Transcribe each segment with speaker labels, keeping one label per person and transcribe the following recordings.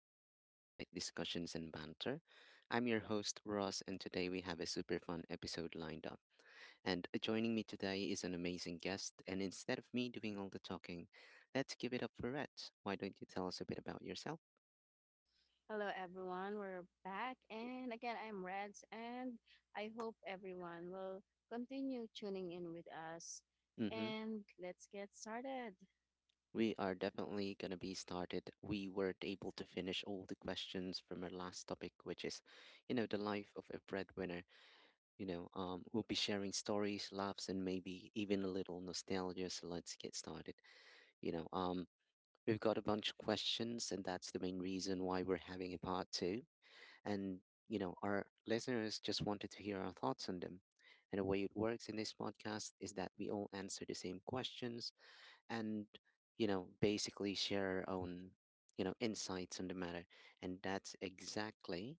Speaker 1: your spot for light discussions and banter. I'm your host, Ross, and today we have a super fun episode lined up. And joining me today is an amazing guest. And instead of me doing all the talking, let's give it up for Rhett. Why don't you tell us a bit about yourself?
Speaker 2: Hello, everyone. We're back. And again, I'm Reds, and I hope everyone will continue tuning in with us.
Speaker 1: Mm-hmm.
Speaker 2: And let's get started.
Speaker 1: We are definitely going to be started. We weren't able to finish all the questions from our last topic, which is, the life of a breadwinner. We'll be sharing stories, laughs, and maybe even a little nostalgia. So let's get started. You know, um, we've got a bunch of questions, and that's the main reason why we're having a part two. And, our listeners just wanted to hear our thoughts on them. And the way it works in this podcast is that we all answer the same questions and, basically share our own, insights on the matter. And that's exactly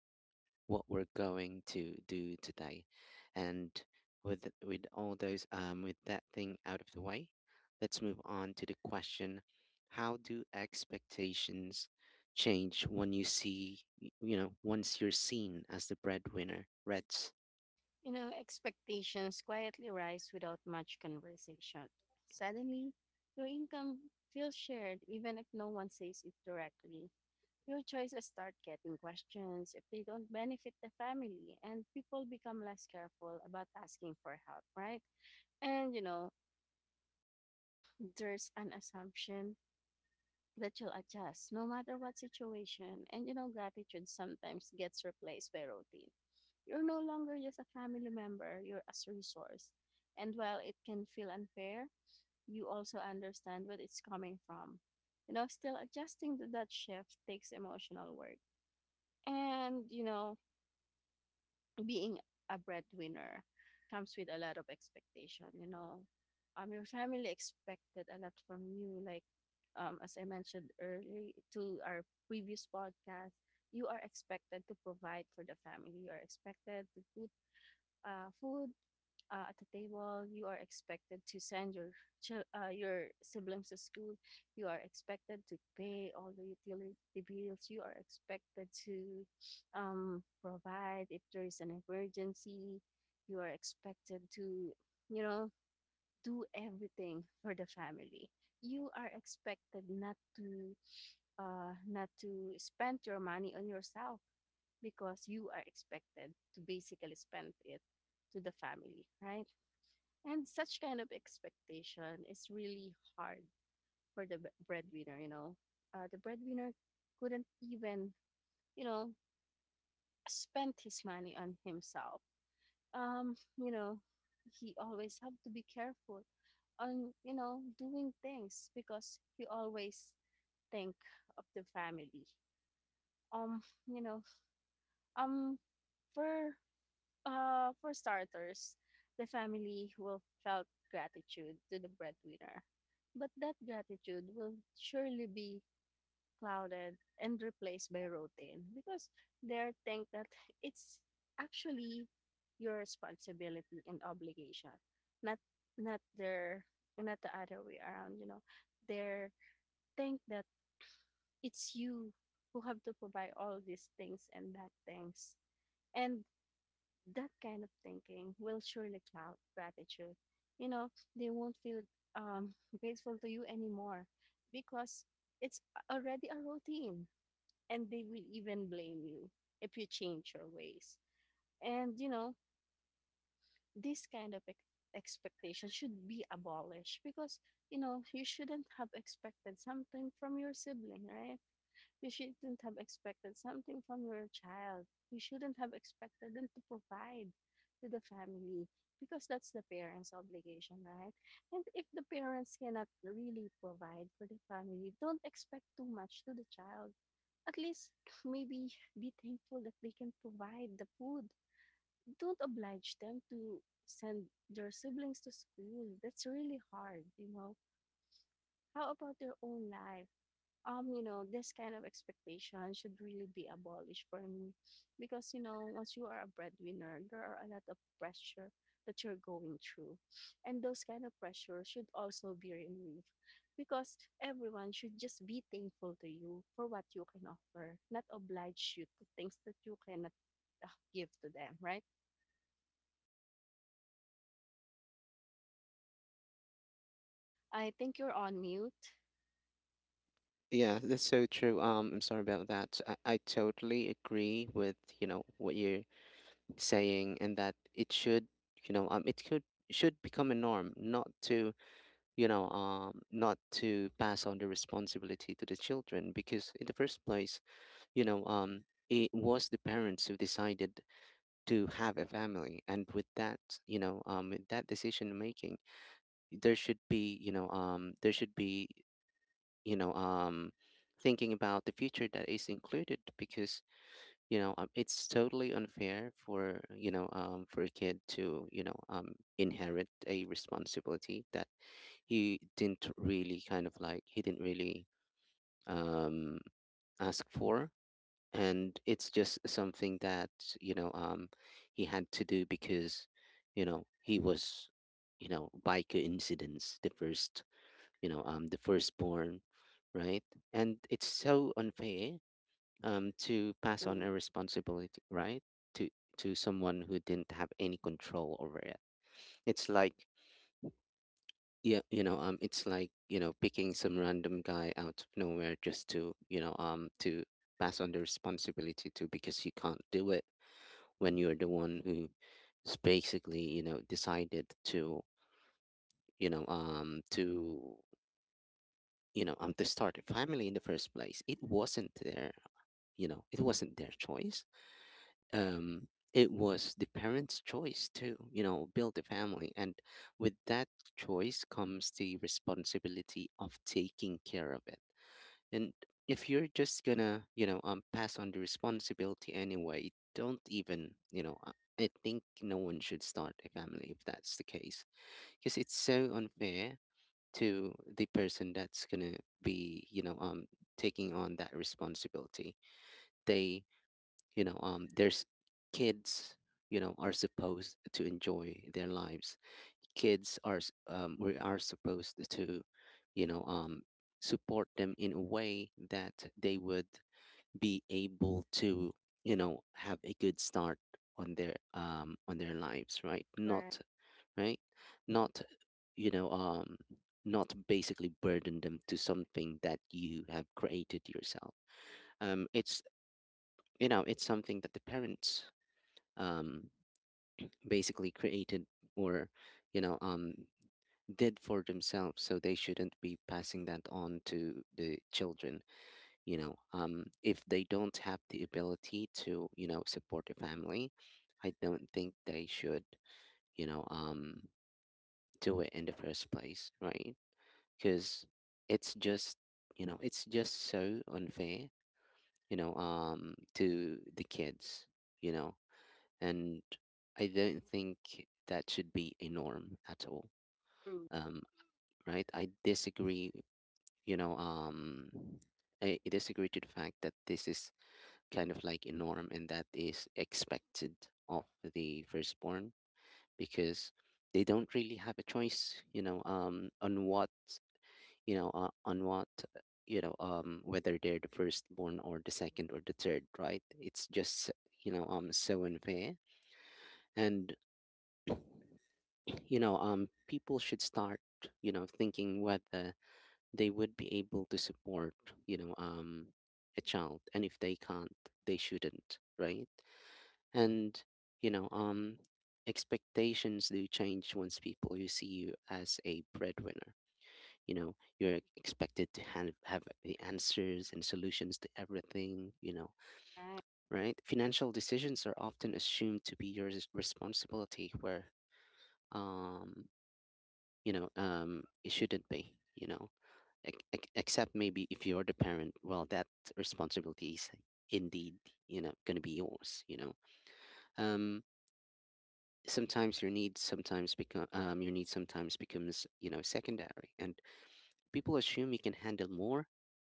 Speaker 1: what we're going to do today. And with all those with that thing out of the way, let's move on to the question: how do expectations change when once you're seen as the breadwinner? Reds.
Speaker 2: You know, expectations quietly rise without much conversation. Suddenly, your income feels shared, even if no one says it directly. Your choices start getting questions if they don't benefit the family, and people become less careful about asking for help, right? And you know, there's an assumption that you'll adjust no matter what situation. And you know, gratitude sometimes gets replaced by routine. You're no longer just a family member, you're as a resource. And while it can feel unfair, you also understand where it's coming from. You know, still adjusting to that shift takes emotional work. And you know, being a breadwinner comes with a lot of expectation. Your family expected a lot from you, like, as I mentioned earlier, to our previous podcast, you are expected to provide for the family. You are expected to put food at the table. You are expected to send your your siblings to school. You are expected to pay all the utility bills. You are expected to provide if there is an emergency. You are expected to, you know, do everything for the family. You are expected not to not to spend your money on yourself, because you are expected to basically spend it to the family, right? And such kind of expectation is really hard for the breadwinner, you know. The breadwinner couldn't even, you know, spend his money on himself. You know, he always have to be careful on, you know, doing things, because he always think of the family. Um, you know, um for for starters, the family will felt gratitude to the breadwinner, but that gratitude will surely be clouded and replaced by routine, because they think that it's actually your responsibility and obligation, not not their not the other way around. You know, they think that it's you who have to provide all these things, and that things, and that kind of thinking will surely cloud gratitude. You know, they won't feel um, grateful to you anymore, because it's already a routine, and they will even blame you if you change your ways. And, you know, this kind of expectation should be abolished, because, you know, you shouldn't have expected something from your sibling, right? You shouldn't have expected something from your child. You shouldn't have expected them to provide to the family, because that's the parents' obligation, right? And if the parents cannot really provide for the family, don't expect too much to the child. At least maybe be thankful that they can provide the food. Don't oblige them to send their siblings to school. That's really hard, you know. How about their own life? You know, this kind of expectation should really be abolished for me. Because, you know, once you are a breadwinner, there are a lot of pressure that you're going through. And those kind of pressure should also be removed. Because everyone should just be thankful to you for what you can offer, not oblige you to things that you cannot uh, give to them, right? I think you're on mute.
Speaker 1: Yeah, that's so true. I'm sorry about that. I totally agree with what you're saying, and that it should you know it could should become a norm, not to pass on the responsibility to the children because, in the first place, it was the parents who decided to have a family, and with that decision making, there should be, you know, um, thinking about the future that is included, because it's totally unfair for a kid to inherit a responsibility that he didn't really um ask for. And it's just something that you know um he had to do because he was, by coincidence, the firstborn, right? And it's so unfair to pass on
Speaker 2: True.
Speaker 1: a responsibility, right? To to someone who didn't have any control over it. It's like, yeah, it's like, picking some random guy out of nowhere just to pass on the responsibility to, because you can't do it when you're the one who's basically decided to you know um to start a family in the first place. It wasn't their, choice. It was the parents' choice to, build a family. And with that choice comes the responsibility of taking care of it. And if you're just gonna, pass on the responsibility anyway, don't even, I think no one should start a family if that's the case, because it's so unfair to the person that's gonna be taking on that responsibility. They, there's kids, are supposed to enjoy their lives. We are supposed to you know um support them in a way that they would be able to have a good start on their lives, right?
Speaker 2: Right.
Speaker 1: Not right not you know um not basically burden them to something that you have created yourself. It's, it's something that the parents um, basically created, or you know um, did for themselves, so they shouldn't be passing that on to the children. If they don't have the ability to support a family, I don't think they should, you know um, do it in the first place, right? Because it's just it's just so unfair to the kids you know and I don't think that should be a norm at all.
Speaker 2: True.
Speaker 1: Um, right? I disagree. You know, um, I disagree to the fact that this is kind of like a norm and that is expected of the firstborn, because they don't really have a choice. On on whether they're the firstborn or the second or the third. Right? It's just, so unfair. And people should start thinking whether they would be able to support, you know um a child, and if they can't, they shouldn't, right? And you know um expectations do change once people you see you as a breadwinner. You're expected to have the answers and solutions to everything,
Speaker 2: Right.
Speaker 1: right? Financial decisions are often assumed to be your responsibility, where um it shouldn't be, except maybe if you're the parent. Well, that responsibility is indeed, going to be yours. Um Sometimes your needs sometimes become, your needs sometimes becomes, secondary, and people assume you can handle more,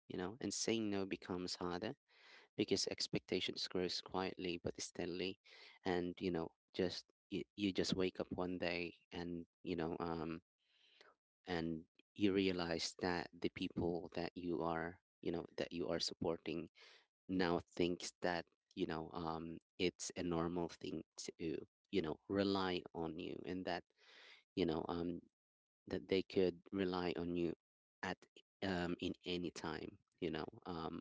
Speaker 1: and saying no becomes harder, because expectations grows quietly but steadily. And just you just wake up one day, and and you realize that the people that you are supporting now thinks that, it's a normal thing to rely on you, and that you know that they could rely on you at in any time. You know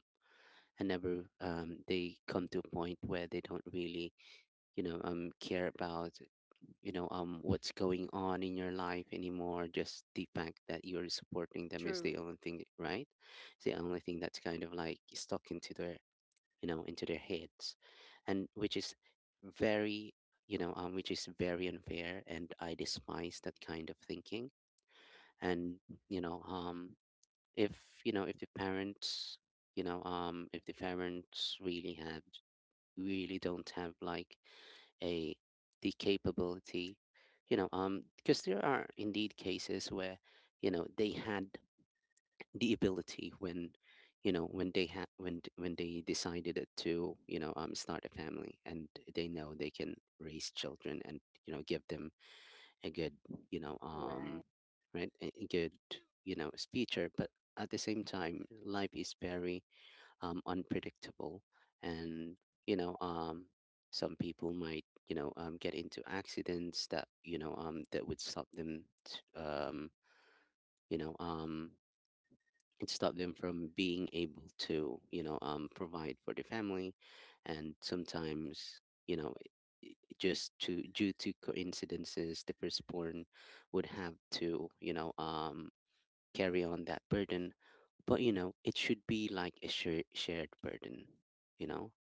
Speaker 1: and never they come to a point where they don't really, care about what's going on in your life anymore. Just the fact that you're supporting them is
Speaker 2: True.
Speaker 1: the only thing, right? It's the only thing that's kind of like stuck into their heads, and which is very, which is very unfair, and I despise that kind of thinking. And you know um if the parents you know if the parents really have really don't have like a the capability, because there are indeed cases where, they had the ability when you know when they had when d- when they decided to start a family, and they know they can raise children, and give them a good you know
Speaker 2: Right.
Speaker 1: um right a good future. But at the same time, life is very, unpredictable. And you know um, some people might, get into accidents that, that would stop them, you know um, from being able to, provide for the family. And sometimes, you know it- it- just to due to coincidences, the firstborn would have to, carry on that burden. But it should be like a shared burden. you know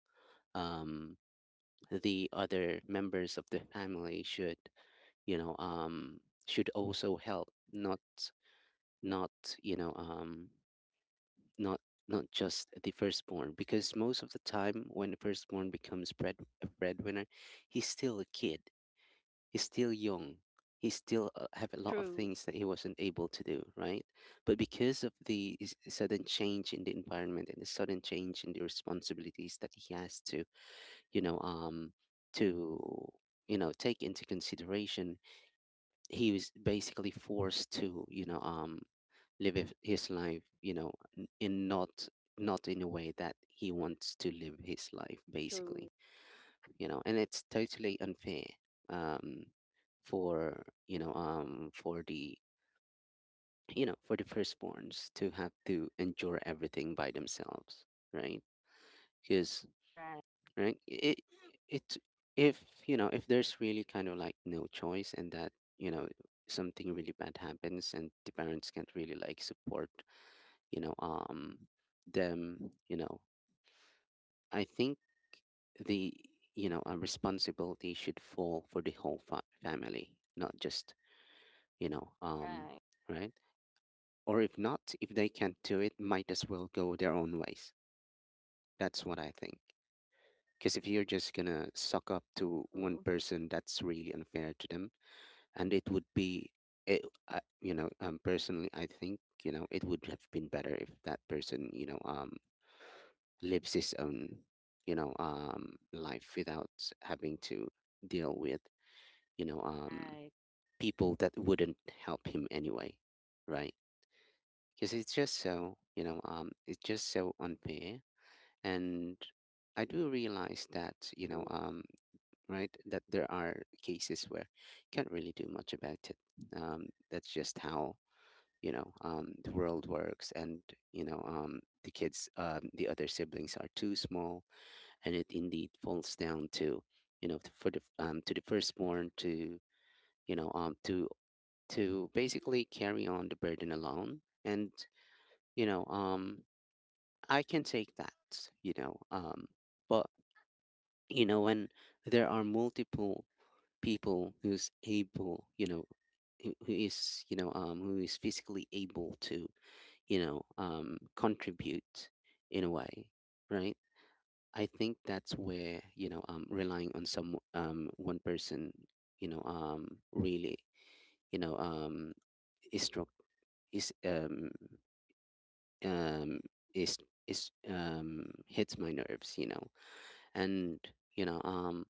Speaker 1: um, the other members of the family should you know should also help, not not you know not not just the firstborn, because most of the time when the firstborn becomes bread a breadwinner, he's still a kid, he's still young, he still, have a lot of
Speaker 2: True.
Speaker 1: things that he wasn't able to do, right? But because of the sudden change in the environment and the sudden change in the responsibilities that he has you know, um, to take into consideration, he was basically forced to, live his life, n- in not not in a way that he wants to live his life,
Speaker 2: True.
Speaker 1: basically, you know, and it's totally unfair, um, for, the you know for the firstborns to have to endure everything by themselves, right? Because,
Speaker 2: Right.
Speaker 1: right, it if, if there's really kind of like no choice, and that, you know something really bad happens and the parents can't really like support, you know um them. I think the, responsibility should fall for the whole family, not just, you know um
Speaker 2: Right.
Speaker 1: right? Or if not, if they can't do it, might as well go their own ways. That's what I think. Because if you're just gonna suck up to one
Speaker 2: True.
Speaker 1: person, that's really unfair to them, and it would be, it, personally, I think, it would have been better if that person, lives his own, life without having to deal with, you know, um,
Speaker 2: Right.
Speaker 1: people that wouldn't help him anyway, right? Because it's just so, unfair, and I do realize that,
Speaker 2: True.
Speaker 1: right? That there are cases where you can't really do much about it. That's just how the world works, and the kids, the other siblings are too small, and it indeed falls down to you know to- for the to the firstborn to you know um, to to basically carry on the burden alone, and you know um, I can take that, but when there are multiple people who's able, who is physically able to, contribute in a way, right? I think that's where, relying on some one person, really, you know, um, is struck is um um is is hits my nerves, and you know um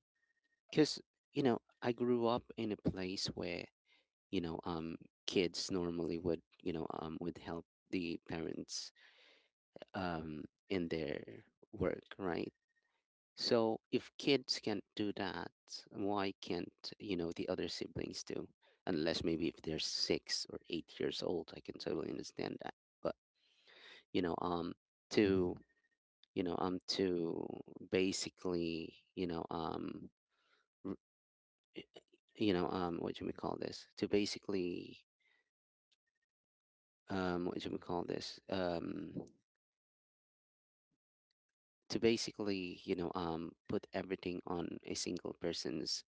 Speaker 1: because I grew up in a place where you know um kids normally would, help the parents, um in their work, right. So if kids can't do that, why can't the other siblings do? Unless maybe if they're 6 or 8 years old, I can totally understand that. But you know um to to basically, r- what do we call this, to basically, what do we call this, to basically, put everything on a single person's,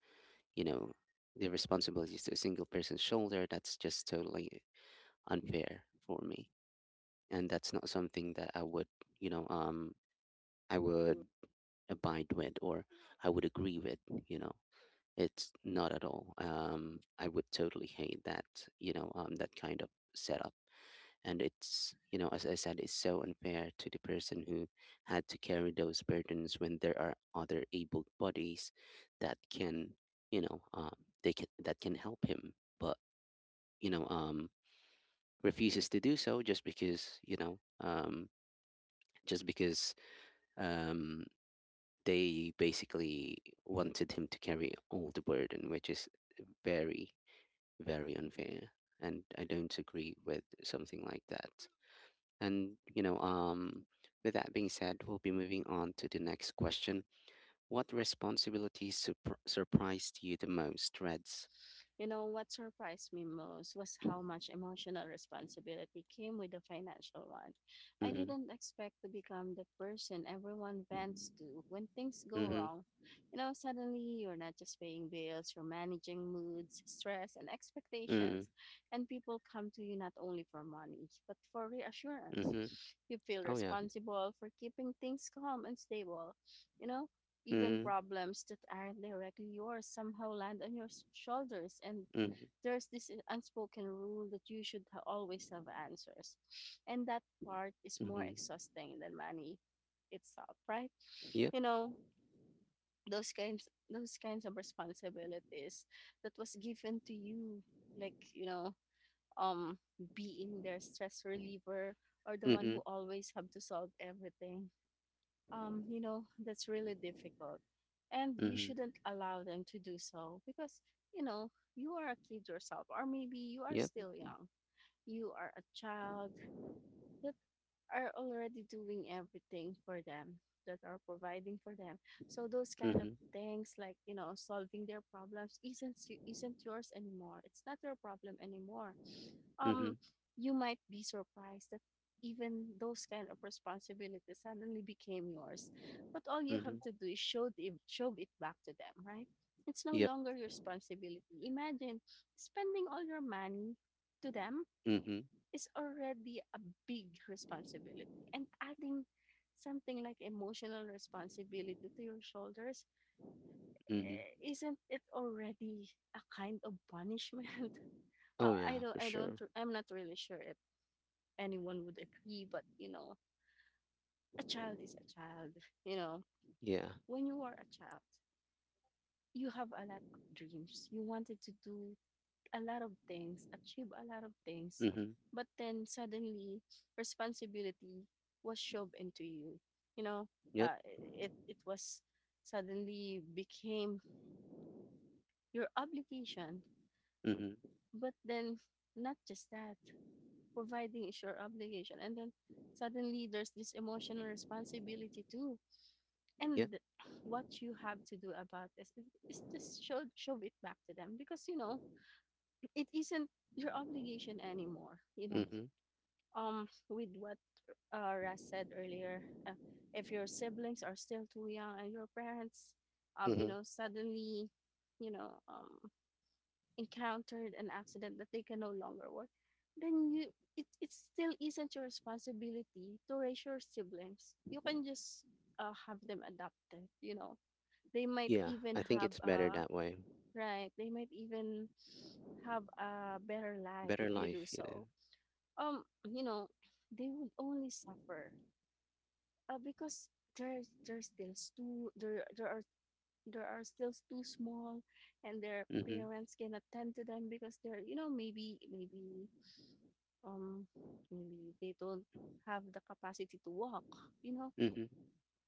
Speaker 1: you know the responsibilities to a single person's shoulder, that's just totally unfair for me, and that's not something that I would, you know um i
Speaker 2: True.
Speaker 1: would abide with, or I would agree with you know it's not at all. I would totally hate that, that kind of setup. And it's, as I said, it's so unfair to the person who had to carry those burdens when there are other able bodies that can, you know they can that can help him, but you know um refuses to do so, just because just because um they basically wanted him to carry all the burden, which is very, very unfair, and I don't agree with something like that. And, you know, um, with that being said, we'll be moving on to the next question. What responsibilities surprised you the most, Reds?
Speaker 2: You know, what surprised me most was how much emotional responsibility came with the financial one. I
Speaker 1: Mm-hmm.
Speaker 2: didn't expect to become the person everyone vents to when things go
Speaker 1: Mm-hmm.
Speaker 2: wrong. You know, suddenly you're not just paying bills, you're managing moods, stress, and
Speaker 1: Mm-hmm.
Speaker 2: expectations. And people come to you not only for money, but for reassurance.
Speaker 1: Mm-hmm.
Speaker 2: You feel
Speaker 1: Oh yeah.
Speaker 2: responsible for keeping things calm and stable. You know, even
Speaker 1: Mm-hmm.
Speaker 2: problems that aren't directly yours somehow land on your shoulders, and
Speaker 1: Mm-hmm.
Speaker 2: there's this unspoken rule that you should always have answers, and that part is more
Speaker 1: Mm-hmm.
Speaker 2: exhausting than money itself, right?
Speaker 1: Yep.
Speaker 2: You know, those kinds of responsibilities that was given to you, like, you know, um being their stress reliever, or the one
Speaker 1: Mm-hmm.
Speaker 2: who always have to solve everything, you know, that's really difficult. And you
Speaker 1: Mm-hmm.
Speaker 2: shouldn't allow them to do so, because, you know, you are a kid yourself, or maybe you are
Speaker 1: Yep.
Speaker 2: still young. You are a child that are already doing everything for them, that are providing for them. So those kind of
Speaker 1: Mm-hmm.
Speaker 2: things, like, you know, solving their problems isn't isn't yours anymore. It's not your problem anymore.
Speaker 1: Mm-hmm.
Speaker 2: um you might be surprised that even those kind of responsibilities suddenly became yours, but all you
Speaker 1: Mm-hmm.
Speaker 2: have to do is show it back to them, right? It's no
Speaker 1: Yep.
Speaker 2: longer your responsibility. Imagine spending all your money to them
Speaker 1: Mm-hmm.
Speaker 2: is already a big responsibility. And adding something like emotional responsibility to your shoulders,
Speaker 1: Mm-hmm.
Speaker 2: eh, isn't it already a kind of punishment?
Speaker 1: Oh yeah, for sure.
Speaker 2: I'm not really sure if anyone would agree, but you know, a child is a child. You know,
Speaker 1: Yeah.
Speaker 2: when you are a child, you have a lot of dreams. You wanted to do a lot of things, achieve a lot of things,
Speaker 1: Mm-hmm.
Speaker 2: but then suddenly responsibility was shoved into you. You know,
Speaker 1: Yep.
Speaker 2: it was suddenly became your obligation.
Speaker 1: Mm-hmm.
Speaker 2: But then not just that, providing is your obligation, and then suddenly there's this emotional responsibility too.
Speaker 1: Yep.
Speaker 2: And what you have to do about this is just show it back to them, because you know it isn't your obligation anymore. You know,
Speaker 1: Mm-hmm.
Speaker 2: with what Ras said earlier, if your siblings are still too young and your parents, you
Speaker 1: Mm-hmm.
Speaker 2: know, suddenly, you know, encountered an accident that they can no longer work, then you it it still isn't your responsibility to raise your siblings. You can just have them adopted. You know, they might
Speaker 1: Yeah.
Speaker 2: even
Speaker 1: I think
Speaker 2: have
Speaker 1: it's better that way.
Speaker 2: right. They might even have a better life
Speaker 1: Better
Speaker 2: if you do
Speaker 1: life, you know.
Speaker 2: so. You know, they would only suffer because they're still too they're they are there are still too small, and their
Speaker 1: Mm-hmm.
Speaker 2: parents cannot tend to them, because they're you know maybe um maybe they don't have the capacity to walk, you know.
Speaker 1: Mm-hmm.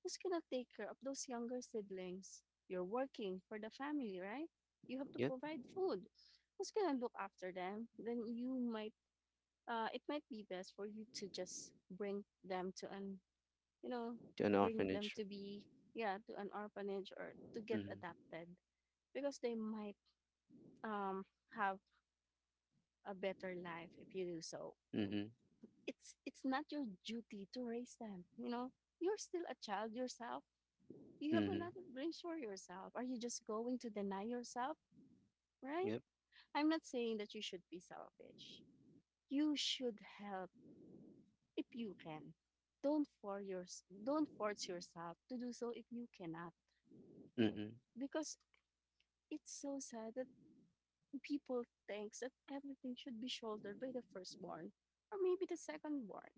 Speaker 2: Who's gonna take care of those younger siblings? You're working for the family, right? You have to provide food. Who's gonna look after them? Then you might it might be best for you to just bring them to an you know
Speaker 1: To an
Speaker 2: bring them
Speaker 1: orphanage.
Speaker 2: to be yeah to an orphanage, or to get
Speaker 1: Mhm,
Speaker 2: adopted, because they might um, have a better life if you do so.
Speaker 1: mhm,
Speaker 2: It's not your duty to raise them, you know. You're still a child yourself. You have a
Speaker 1: mhm.
Speaker 2: lot of dreams for yourself. Are you just going to deny yourself? Right.
Speaker 1: Yep,
Speaker 2: I'm not saying that you should be selfish. You should help if you can. Don't force your, don't force yourself to do so if you cannot,
Speaker 1: mhm,
Speaker 2: because it's so sad that people thinks that everything should be shouldered by the firstborn or maybe the secondborn.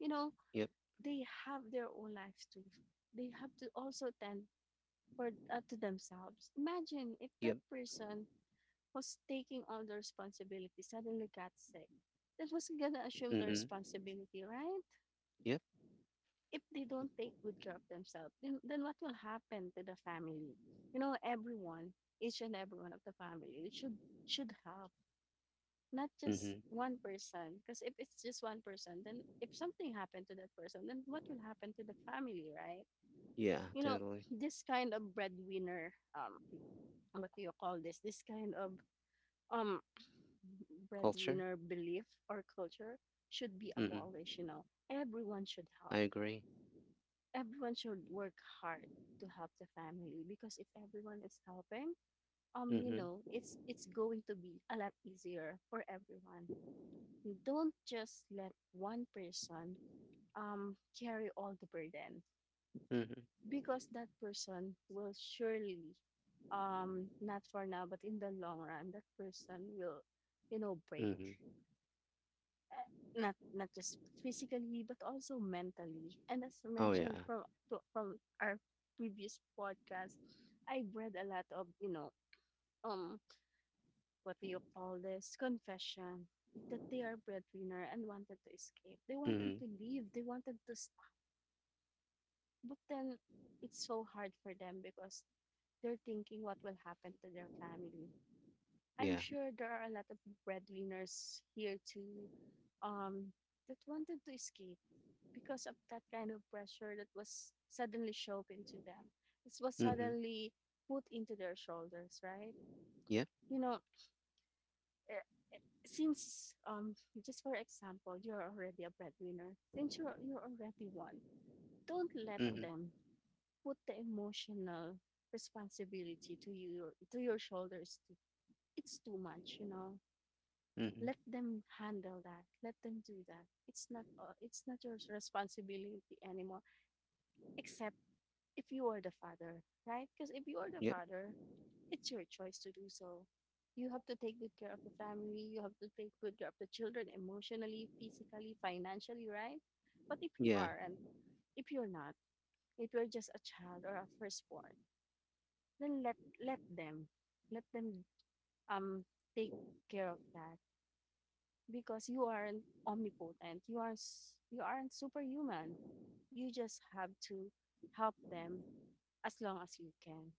Speaker 2: You know,
Speaker 1: yep,
Speaker 2: they have their own lives too. They have to also tend for to themselves. Imagine if that
Speaker 1: yep,
Speaker 2: person was taking all the responsibility suddenly got sick. That was gonna assume the
Speaker 1: mhm,
Speaker 2: responsibility, right?
Speaker 1: yep,
Speaker 2: If they don't take good care of themselves, then what will happen to the family? You know, everyone, each and every one of the family should help, not just
Speaker 1: mhm.
Speaker 2: one person. Because if it's just one person, then if something happened to that person, then what will happen to the family, right?
Speaker 1: Yeah,
Speaker 2: You know,
Speaker 1: totally.
Speaker 2: this kind of breadwinner, what do you call this? This kind of um
Speaker 1: Culture?
Speaker 2: breadwinner belief or culture should be
Speaker 1: Mhm.
Speaker 2: abolished. You know, everyone should
Speaker 1: I
Speaker 2: help,
Speaker 1: agree.
Speaker 2: everyone should work hard to help the family, because if everyone is helping, you
Speaker 1: Mhm,
Speaker 2: know, it's going to be a lot easier for everyone. Don't just let one person carry all the burden,
Speaker 1: mhm,
Speaker 2: because that person will surely not for now, but in the long run that person will, you know, break.
Speaker 1: mhm.
Speaker 2: uh, Not just physically but also mentally. And as
Speaker 1: Oh
Speaker 2: mentioned
Speaker 1: yeah.
Speaker 2: from our previous podcast, I've read a lot of, you know, um what do you call this, confession that they are breadwinner and wanted to escape. They wanted
Speaker 1: Mhm.
Speaker 2: to leave. They wanted to stop. But then it's so hard for them because they're thinking what will happen to their family. I'm
Speaker 1: Yeah.
Speaker 2: sure there are a lot of breadwinners here too, um, that wanted to escape because of that kind of pressure that was suddenly shoved into them. It was
Speaker 1: Mhm.
Speaker 2: suddenly put into their shoulders, right?
Speaker 1: Yep.
Speaker 2: You know, eh, eh, since just for example, you're already a breadwinner. Since you're already one, don't let
Speaker 1: Mhm.
Speaker 2: them put the emotional responsibility to you, to your shoulders. It's too much, you know.
Speaker 1: Mhm.
Speaker 2: Let them handle that. Let them do that. It's not your responsibility anymore except if you are the father, right? Because if you are the
Speaker 1: Yep.
Speaker 2: father, it's your choice to do so. You have to take good care of the family, you have to take good care of the children emotionally, physically, financially, right? But if you
Speaker 1: Yeah.
Speaker 2: aren't, if you're not, if you're just a child or a firstborn, then let them let them um take care of that because you aren't omnipotent. You aren't superhuman. You just have to help them as long as you can.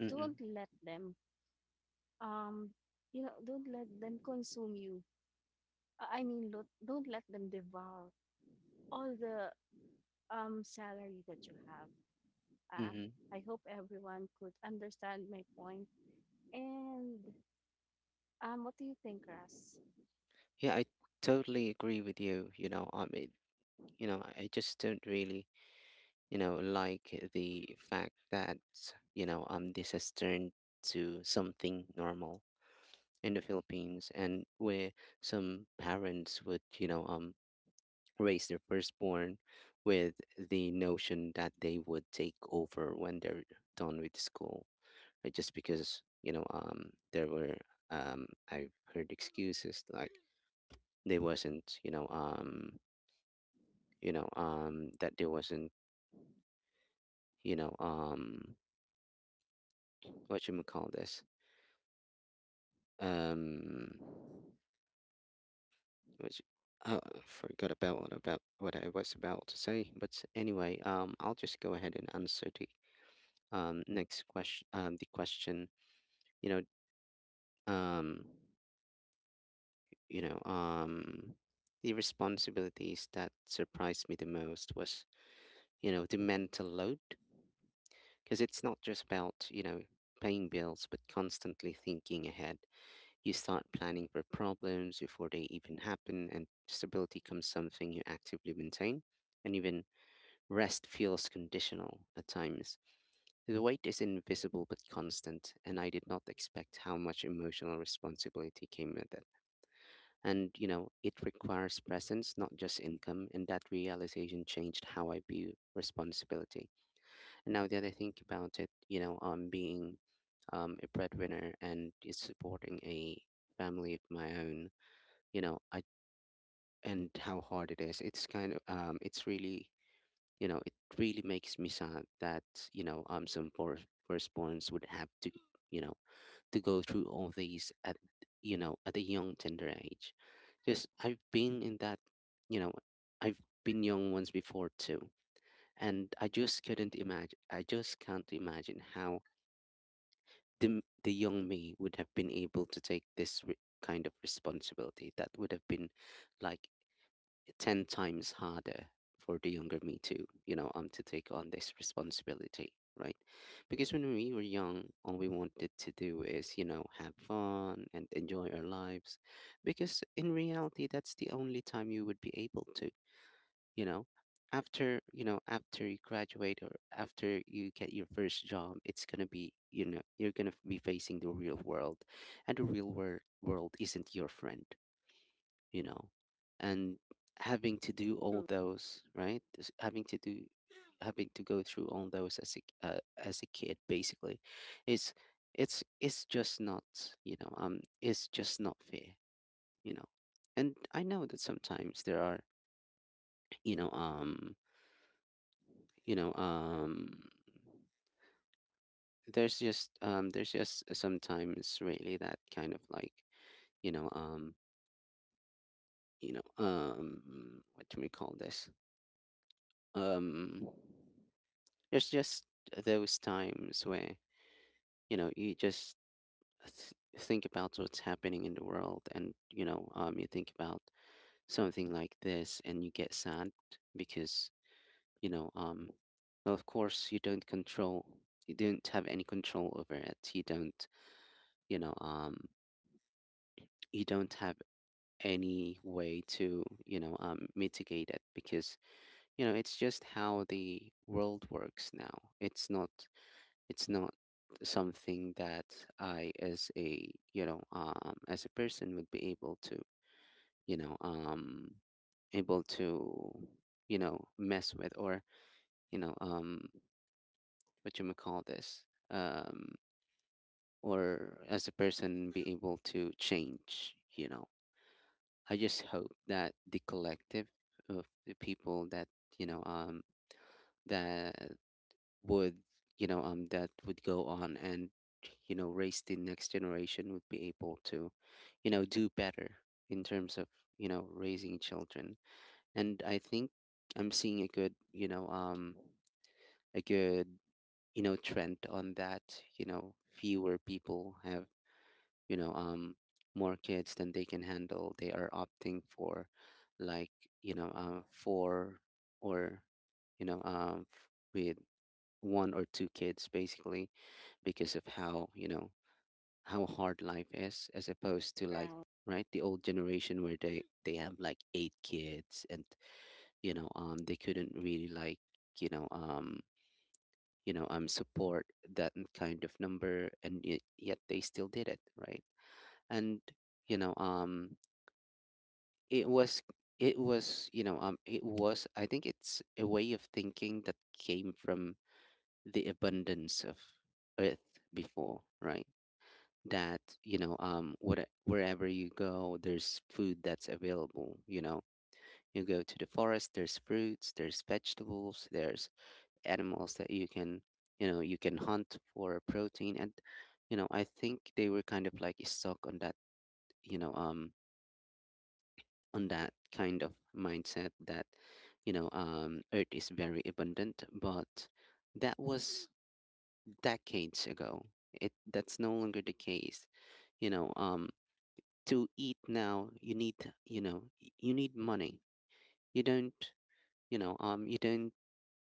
Speaker 1: Mhm.
Speaker 2: Don't let them um you know don't let them consume you. I mean don't let them devour all the salary that you have. uh,
Speaker 1: Mhm.
Speaker 2: I hope everyone could understand my point. And what do you think, Ras?
Speaker 1: Yeah, I totally agree with you. You know, I mean, I just don't really, like the fact that, this has turned to something normal in the Philippines, and where some parents would, raise their firstborn with the notion that they would take over when they're done with school, right? Just because, there were, I've heard excuses like they wasn't, that there wasn't, you know, um, what you call this, um. Which, I forgot about what I was about to say. But anyway, I'll just go ahead and answer the next question. The question, you know, um, you know, um, the responsibilities that surprised me the most was, the mental load, because it's not just about paying bills, but constantly thinking ahead. You start planning for problems before they even happen, and stability comes something you actively maintain, and even rest feels conditional at times. The weight is invisible but constant, and I did not expect how much emotional responsibility came with it. And, you know, it requires presence, not just income, and that realization changed how I view responsibility. And now that I think about it, being, a breadwinner and is supporting a family of my own, you know, I and how hard it is. It's kind of, it really makes me sad that, some for firstborns would have to, you know, to go through all these at, at a young tender age. Just I've been in that, you know, I've been young once before too, and I just couldn't imagine. I just can't imagine how the young me would have been able to take this kind of responsibility. That would have been like 10 times harder for the younger me to, to take on this responsibility, right? Because when we were young, all we wanted to do is, have fun and enjoy our lives. Because in reality, that's the only time you would be able to, you know. After you graduate or after you get your first job, it's gonna be, you're gonna be facing the real world, and the real world isn't your friend you know, and having to do all
Speaker 2: True.
Speaker 1: those, right? Just having to do, having to go through all those as a, as a kid, basically, it's it's just not, it's just not fair, you know. And I know that sometimes there are, you know, um, you know, um, there's just, there's just sometimes really that kind of like, you know, um, what do we call this? Um. There's just those times where, you just th- think about what's happening in the world, and, you think about something like this and you get sad because, you know, um, well, of course, you don't control, you don't have any control over it. You don't, you know, um, you don't have any way to, mitigate it, because it's just how the world works now. It's not, it's not something that I, as a, as a person, would be able to, you know, um, able to, mess with, or you know, um, what you may call this, um, or as a person be able to change. You know, I just hope that the collective of the people that, you know, um, that would you know that would go on and raise the next generation would be able to do better in terms of raising children. And I think I'm seeing a good, a good trend on that. Fewer people have, you know um more kids than they can handle. They are opting for like, four, or, you know um f- with one or two kids, basically, because of how, how hard life is, as opposed to, like,
Speaker 2: Right.
Speaker 1: right, the old generation where they have like eight kids, and they couldn't really, like, you know um support that kind of number, and yet they still did it, right? And you know um it was it was you know it was I think it's a way of thinking that came from the abundance of earth before, right? that what wherever you go there's food that's available, you know. You go to the forest, there's fruits, there's vegetables, there's animals that you can hunt for protein. And I think they were kind of like stuck on that, you know um kind of mindset, that earth is very abundant. But that was decades ago. It That's no longer the case. you know um to eat now, you need, you need money. you don't you don't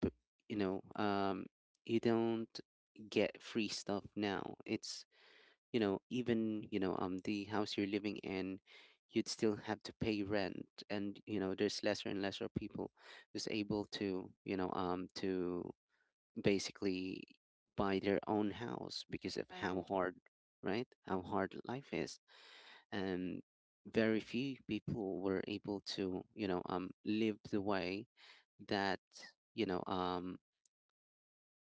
Speaker 1: p- you know you don't get free stuff now. It's even, the house you're living in, you'd still have to pay rent. And, there's lesser and lesser people who's able to, to basically buy their own house, because of how
Speaker 2: Right.
Speaker 1: hard, right? How hard life is. um, Very few people were able to, live the way that, you know um,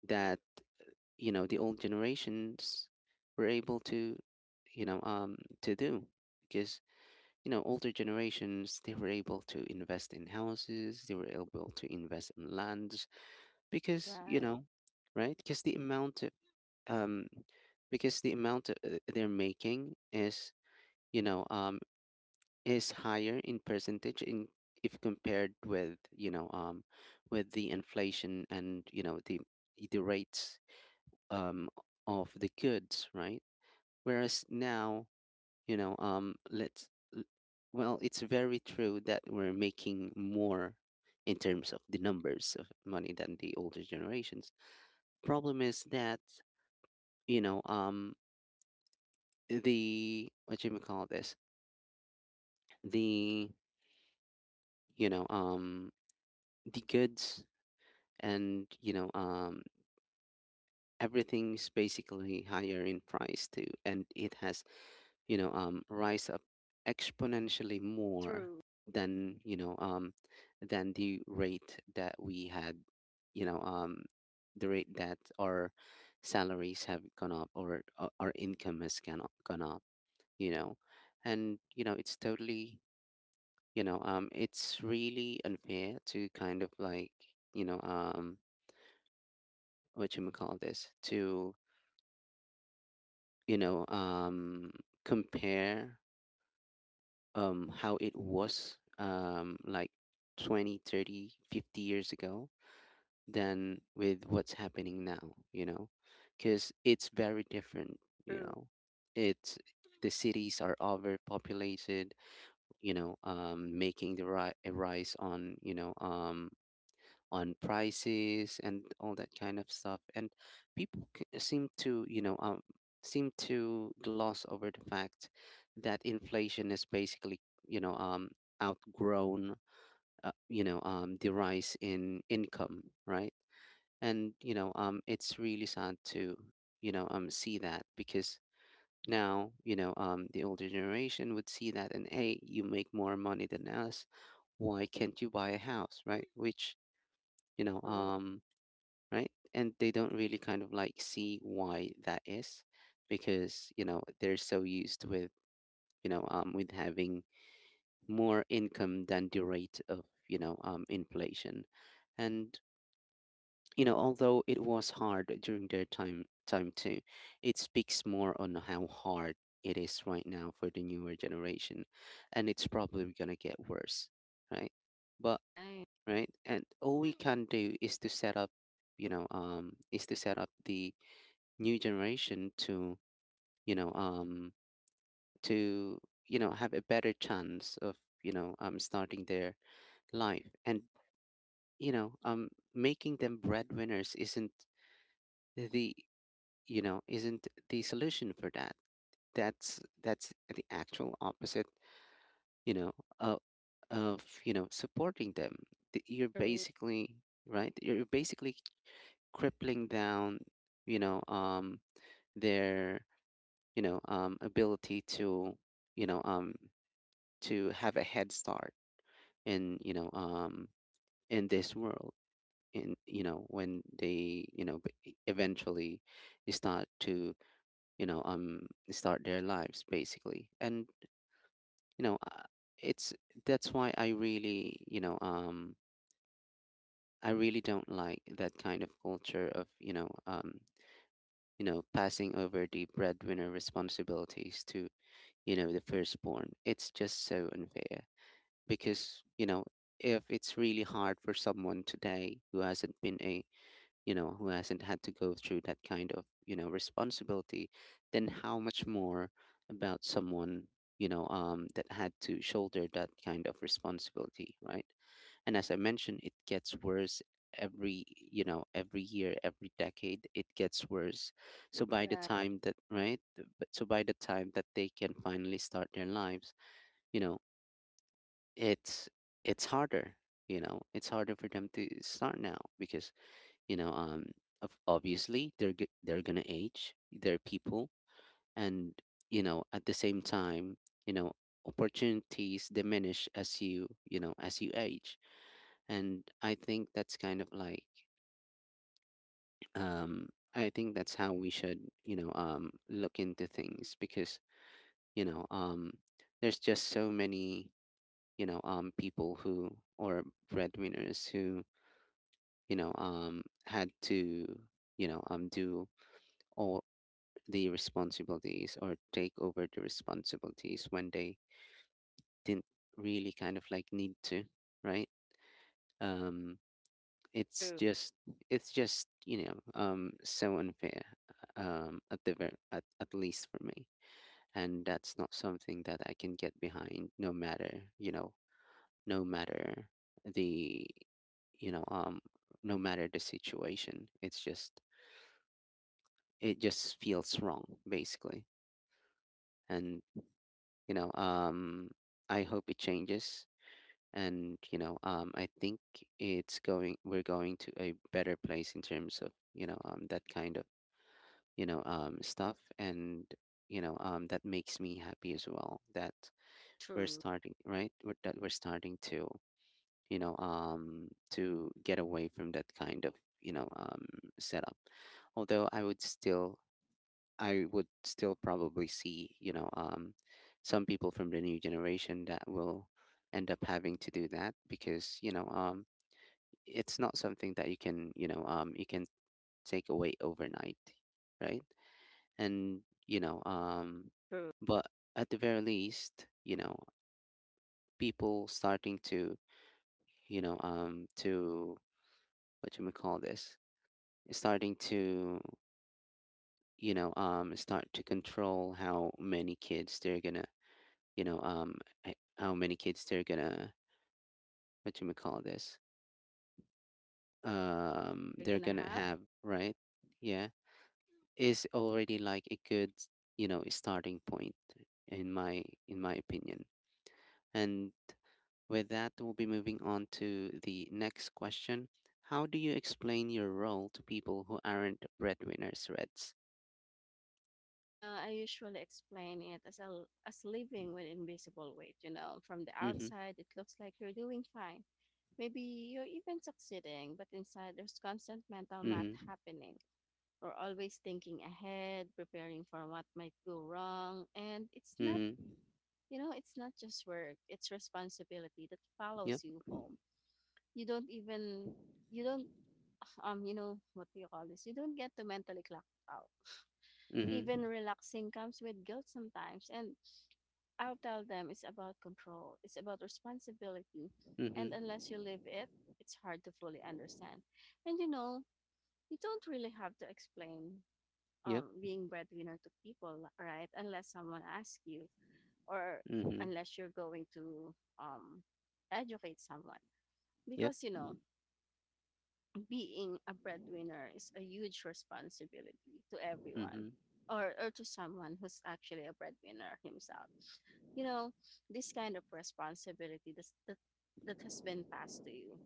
Speaker 1: that the old generations were able to, you know um, to do. Because Older generations, they were able to invest in houses, they were able to invest in lands, because,
Speaker 2: Right.
Speaker 1: right? because um the amount they're making is you know um is higher in percentage in, if compared with, with the inflation, and, the rates, um of the goods, right? Whereas now, you know um let's l- well, it's very true that we're making more in terms of the numbers of money than the older generations. Problem is that you know um the what you may call this, the you know um the goods, and everything's basically higher in price too, and it has rise up exponentially more
Speaker 2: True.
Speaker 1: than you know than the rate that we had, you know um the rate that our salaries have gone up, or our income has gone up you know and it's totally, it's really unfair to kind of like, you know um what you may call this, to you know um compare, how it was like 20, 30, 50 years ago, than with what's happening now. Because it's very different. you
Speaker 2: True.
Speaker 1: know it's, the cities are overpopulated, making the a rise on, on prices and all that kind of stuff. And seem to, seem to gloss over the fact that inflation is basically, you know um outgrown, the rise in income, right? And it's really sad
Speaker 2: True.
Speaker 1: to see that, because now, the older generation would see that and, hey, you make more money than us, why can't you buy a house, right? Which you know
Speaker 2: True.
Speaker 1: um right? And they don't really kind of like see why that is, because, they're so used with, with having more income than the rate of, inflation. And, you know, although it was hard during their time too, it speaks more on how hard it is right now for the newer generation. And it's probably gonna get worse, right? But
Speaker 2: Right.
Speaker 1: right, and all we can do is to set up, is to set up the new generation to, you know um to have a better chance of, starting their life, and making them breadwinners isn't the, isn't the solution for that. That's the actual opposite, you know uh, of supporting them. You're
Speaker 2: True.
Speaker 1: basically right, you're basically crippling down, you know um their, ability to you know um, to have a head start in, in this world, in, when they, eventually start to, start their lives basically. And, you know uh, it's, that's why I really, I really don't like that kind of culture of, passing over the breadwinner responsibilities to, the firstborn. It's just so unfair, because, if it's really hard for someone today who hasn't been a, who hasn't had to go through that kind of, responsibility, then how much more about someone, that had to shoulder that kind of responsibility, right? And as I mentioned, it gets worse every, every year, every decade, it gets worse. So by the
Speaker 2: Right.
Speaker 1: time that right, so by the time that they can finally start their lives, you know it's it's harder, it's harder for them to start now, because, you know um obviously they're gonna age, they're people. And at the same time, you know opportunities diminish as you, you know as you age. And I think that's kind of like, um I think that's how we should, look into things, because you know um there's just so many, people who, or breadwinners who, had to, do all the responsibilities, or take over the responsibilities when they didn't really kind of like need to, right? Um, it's
Speaker 2: True.
Speaker 1: just, so unfair, at the at least for me, and that's not something that I can get behind, no matter, no matter the, you know, um, no matter the situation. It's just, it just feels wrong basically. And you know um I hope it changes. And I think it's going, we're going to a better place in terms of, that kind of, stuff. And that makes me happy as well, that we're
Speaker 2: True.
Speaker 1: starting, right? We're, that we're starting to, to get away from that kind of, you know um setup. Although I would still, I would still probably see, some people from the new generation that will end up having to do that, because, it's not something that you can, you can take away overnight, right? And,
Speaker 2: True.
Speaker 1: but at the very least, people starting to, to what you may call this, starting to, start to control how many kids they're gonna, you know, um, how many kids they're gonna, what you may call this,
Speaker 2: They are
Speaker 1: they're
Speaker 2: gonna
Speaker 1: gonna
Speaker 2: have.
Speaker 1: have, right? Yeah, is already like a good, starting point, in my opinion. And with that, we'll be moving on to the next question. How do you explain your role to people who aren't breadwinners, Reds?
Speaker 2: You know, I usually explain it as a, l- as living with invisible weight. You know, from the
Speaker 1: Mm-hmm.
Speaker 2: outside, it looks like you're doing fine. Maybe you're even succeeding, but inside, there's constant mental math
Speaker 1: Mm-hmm.
Speaker 2: happening. We're always thinking ahead, preparing for what might go wrong, and it's not,
Speaker 1: Mm-hmm.
Speaker 2: you know, it's not just work. It's responsibility that follows
Speaker 1: Yep.
Speaker 2: you home. You don't even, you don't, You know, what do you call this? You don't get to mentally clock out.
Speaker 1: Mm-hmm.
Speaker 2: Even relaxing comes with guilt sometimes, and I'll tell them it's about control, it's about responsibility, and
Speaker 1: Mm-hmm.
Speaker 2: unless you live it, it's hard to fully understand. And you know, you don't really have to explain
Speaker 1: Yep.
Speaker 2: being breadwinner to people, right? Unless someone asks you, or
Speaker 1: Mm-hmm.
Speaker 2: unless you're going to educate someone,
Speaker 1: Yep.
Speaker 2: because you know, being a breadwinner is a huge responsibility to everyone
Speaker 1: Mm-hmm.
Speaker 2: or to someone who's actually a breadwinner himself. You know, this kind of responsibility that has been passed to you,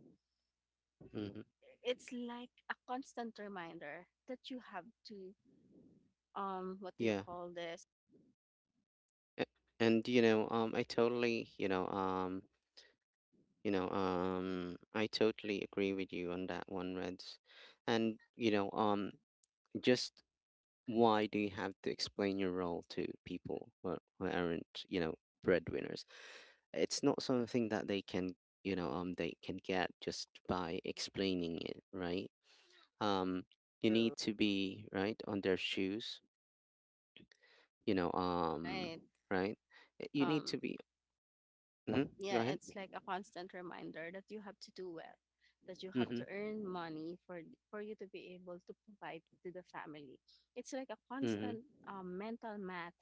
Speaker 1: Mm-hmm.
Speaker 2: it's like a constant reminder that you have to, what do you
Speaker 1: Yeah.
Speaker 2: call this?
Speaker 1: A- And I totally, I totally agree with you on that one, Reds. And just why do you have to explain your role to people who aren't, breadwinners? It's not something that they can, they can get just by explaining it, right? Um, you
Speaker 2: True,
Speaker 1: need to be right on their shoes, you know, um,
Speaker 2: right?
Speaker 1: right? You need to
Speaker 2: Um,
Speaker 1: be. Hmm. Go
Speaker 2: yeah,
Speaker 1: ahead.
Speaker 2: it's like a constant reminder that you have to do well, that you have
Speaker 1: Mm-hmm.
Speaker 2: to earn money for you to be able to provide to the family. It's like a
Speaker 1: Mm-hmm.
Speaker 2: constant mental math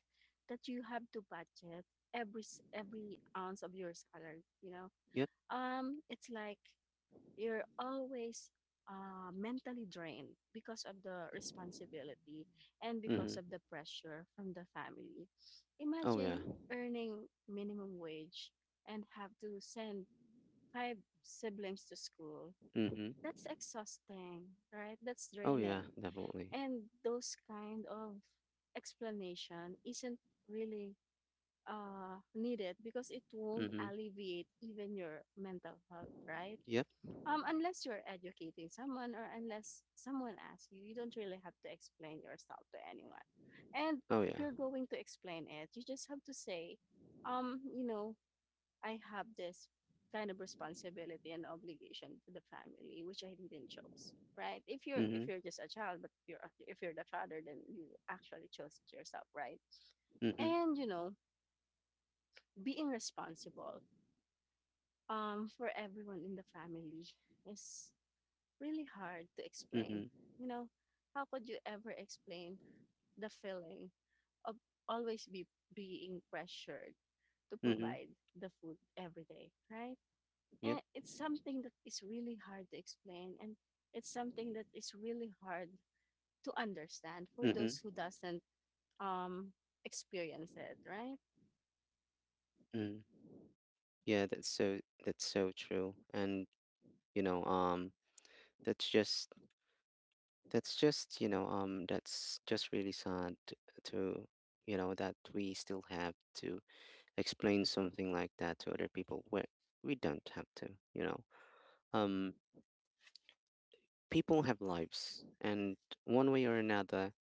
Speaker 2: that you have to budget every ounce of your salary. You know,
Speaker 1: Yep.
Speaker 2: it's like you're always mentally drained because of the responsibility and because
Speaker 1: Mhm.
Speaker 2: of the pressure from the family.
Speaker 1: Oh yeah.
Speaker 2: Imagine earning minimum wage and have to send five siblings to school.
Speaker 1: Mhm.
Speaker 2: That's exhausting, right? That's
Speaker 1: Oh yeah,
Speaker 2: draining.
Speaker 1: definitely.
Speaker 2: And those kind of explanation isn't really needed because it won't
Speaker 1: Mhm.
Speaker 2: alleviate even your mental health, right?
Speaker 1: Yep.
Speaker 2: Unless you're educating someone or unless someone asks you, you don't really have to explain yourself to anyone. And
Speaker 1: Oh
Speaker 2: if
Speaker 1: yeah.
Speaker 2: you're going to explain it, you just have to say, you know, I have this kind of responsibility and obligation to the family which I didn't choose, right? If
Speaker 1: Mhm.
Speaker 2: you're just a child, but you're if you're the father, then you actually chose it yourself, right?
Speaker 1: Mhm.
Speaker 2: And you know, being responsible for everyone in the family is really hard to explain.
Speaker 1: Mhm.
Speaker 2: You know, how could you ever explain the feeling of always be being pressured to
Speaker 1: Mhm.
Speaker 2: provide the food every day, right?
Speaker 1: Yep.
Speaker 2: And it's something that is really hard to explain and it's something that is really hard to understand for those
Speaker 1: Mhm.
Speaker 2: who doesn't um experience it, right?
Speaker 1: Mhm. Yeah, that's so, that's so true. And you know, um that's just, that's just really sad to, that we still have to explain something like that to other people, where we don't have to, you know. Um. People have lives, and one way or another,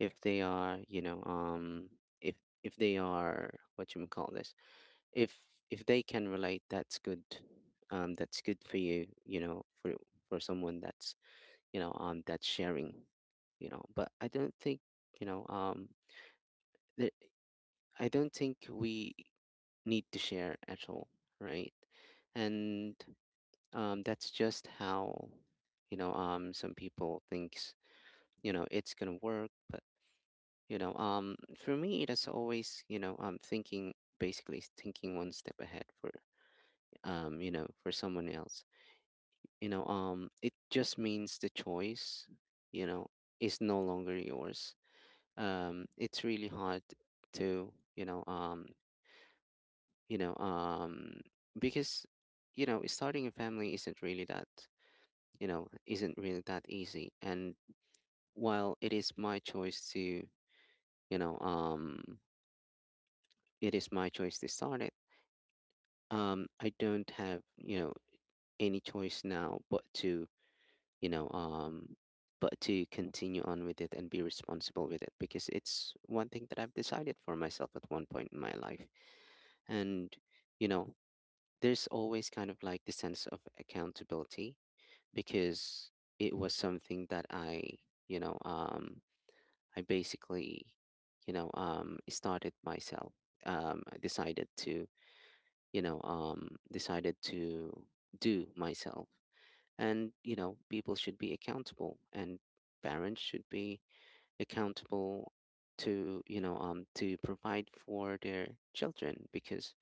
Speaker 1: if they are, if if they are, what you call this, if if they can relate, that's good, that's good for you, you know for someone that's, that's sharing, but I don't think, you know um th- I don't think we need to share at all, right? And, that's just how, some people thinks, it's gonna work. But, for me, it is always, thinking, basically is thinking one step ahead for, for someone else. It just means the choice, you know is no longer yours. It's really hard to, you know um because, starting a family isn't really that, isn't really that easy. And while it is my choice to, you know um it is my choice to start it. I don't have, any choice now, but to, you know um, but to continue on with it and be responsible with it, because it's one thing that I've decided for myself at one point in my life. And you know there's always kind of like the sense of accountability, because it was something that I, you know um, I basically, started myself. I decided to, decided to do myself. And people should be accountable, and parents should be accountable to, to provide for their children, because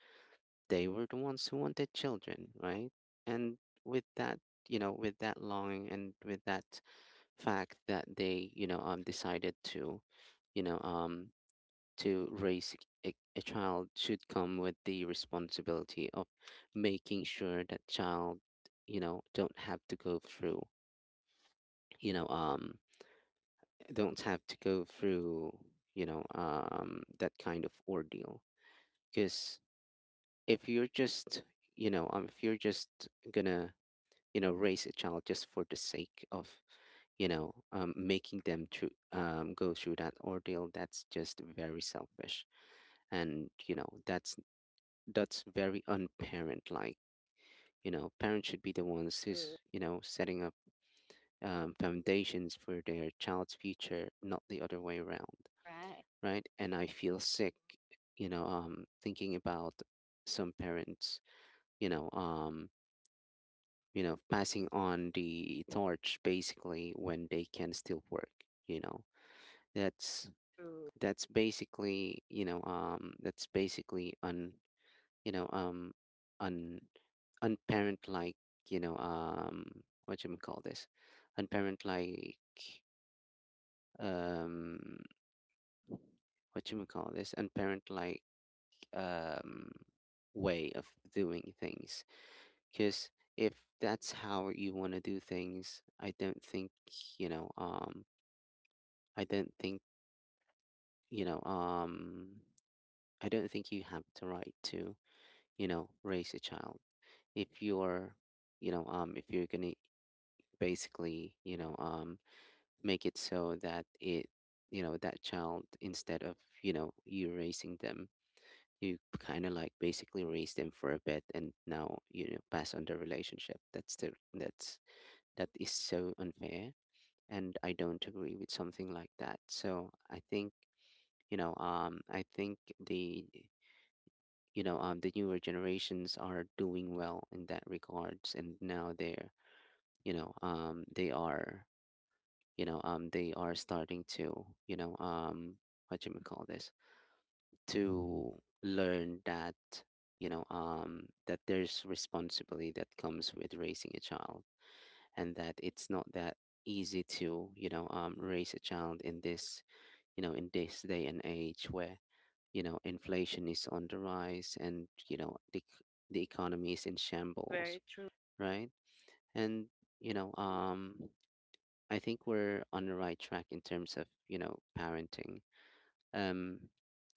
Speaker 1: they were the ones who wanted children, right? And with that, with that longing, and with that fact that they, decided to, you know um to raise a child, should come with the responsibility of making sure that child, don't have to go through, you know um don't have to go through, that kind of ordeal. Because if you're just, if you're just gonna, raise a child just for the sake of, making them through, go through that ordeal, that's just very selfish. And that's very unparent like, parents should be the ones
Speaker 2: True,
Speaker 1: who's, setting up, foundations for their child's future, not the other way around,
Speaker 2: right?
Speaker 1: right? And I feel sick, thinking about some parents, you know um passing on the torch basically when they can still work, you know that's
Speaker 2: True,
Speaker 1: that's basically, that's basically un. you know um un Unparent like, what you call this, unparent like, um what you call this, unparent like, um way of doing things. Because if that's how you want to do things, you know um i don't think you know um I don't think you have the right to raise a child if you're, if you're gonna basically make it so that it, that child, instead of you raising them, you kind of like basically raise them for a bit and now pass on the relationship. That's the that's that is so unfair, and I don't agree with something like that. So I think the the newer generations are doing well in that regards, and now you know um they are they are starting to, what do you may call this, to learn that that there's responsibility that comes with raising a child, and that it's not that easy to raise a child in this, in this day and age where inflation is on the rise, and the economy is in shambles,
Speaker 2: very true.
Speaker 1: right? And you know um I think we're on the right track in terms of, parenting. Um,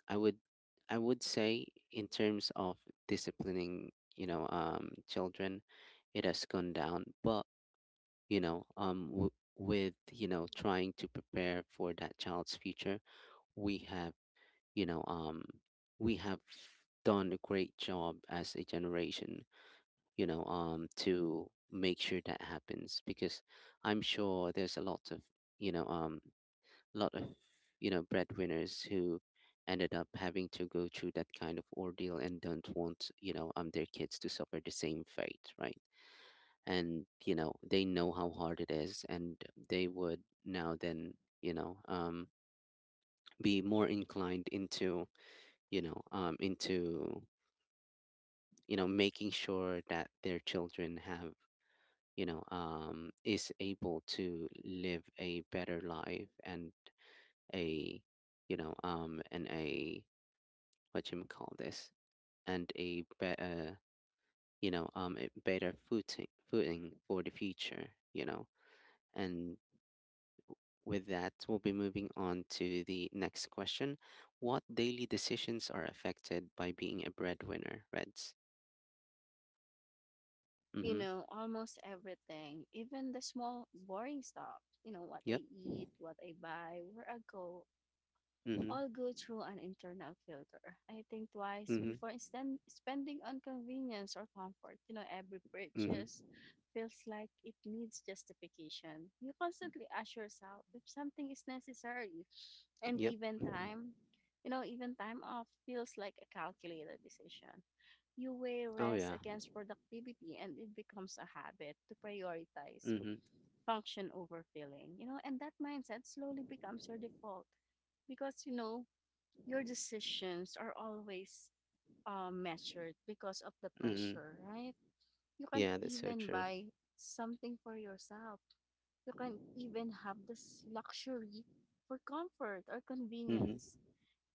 Speaker 1: I would I would say in terms of disciplining, children, it has gone down. But with trying to prepare for that child's future, we have, you know um, we have done a great job as a generation. To make sure that happens because I'm sure there's a lot of you know um lot of breadwinners who ended up having to go through that kind of ordeal and don't want their kids to suffer the same fate, right? And they know how hard it is, and they would now then you know um be more inclined into into making sure that their children have, is able to live a better life, and a, and a what you call this, and a better, a better footing for the future. And with that, we'll be moving on to the next question. What daily decisions are affected by being a breadwinner, Reds?
Speaker 2: You
Speaker 1: Mm-hmm.
Speaker 2: know, almost everything, even the small boring stuff, you know, what I
Speaker 1: Yep.
Speaker 2: eat, what I buy, where I go,
Speaker 1: Mm-hmm.
Speaker 2: all go through an internal filter. I think twice
Speaker 1: Mm-hmm.
Speaker 2: before spending on convenience or comfort. You know, every
Speaker 1: Mm-hmm.
Speaker 2: purchase feels like it needs justification. You constantly ask yourself if something is necessary, and
Speaker 1: Yep.
Speaker 2: even time, you know, even time off feels like a calculated decision. You weigh
Speaker 1: Oh
Speaker 2: rest
Speaker 1: yeah.
Speaker 2: against productivity, and it becomes a habit to prioritize
Speaker 1: Mm-hmm.
Speaker 2: function over feeling. You know, and that mindset slowly becomes your default because you know your decisions are always measured because of the
Speaker 1: Mm-hmm.
Speaker 2: pressure, right? You can't
Speaker 1: Yeah, that's so
Speaker 2: even
Speaker 1: true.
Speaker 2: buy something for yourself, you can't even have this luxury for comfort or
Speaker 1: Mm-hmm.
Speaker 2: convenience.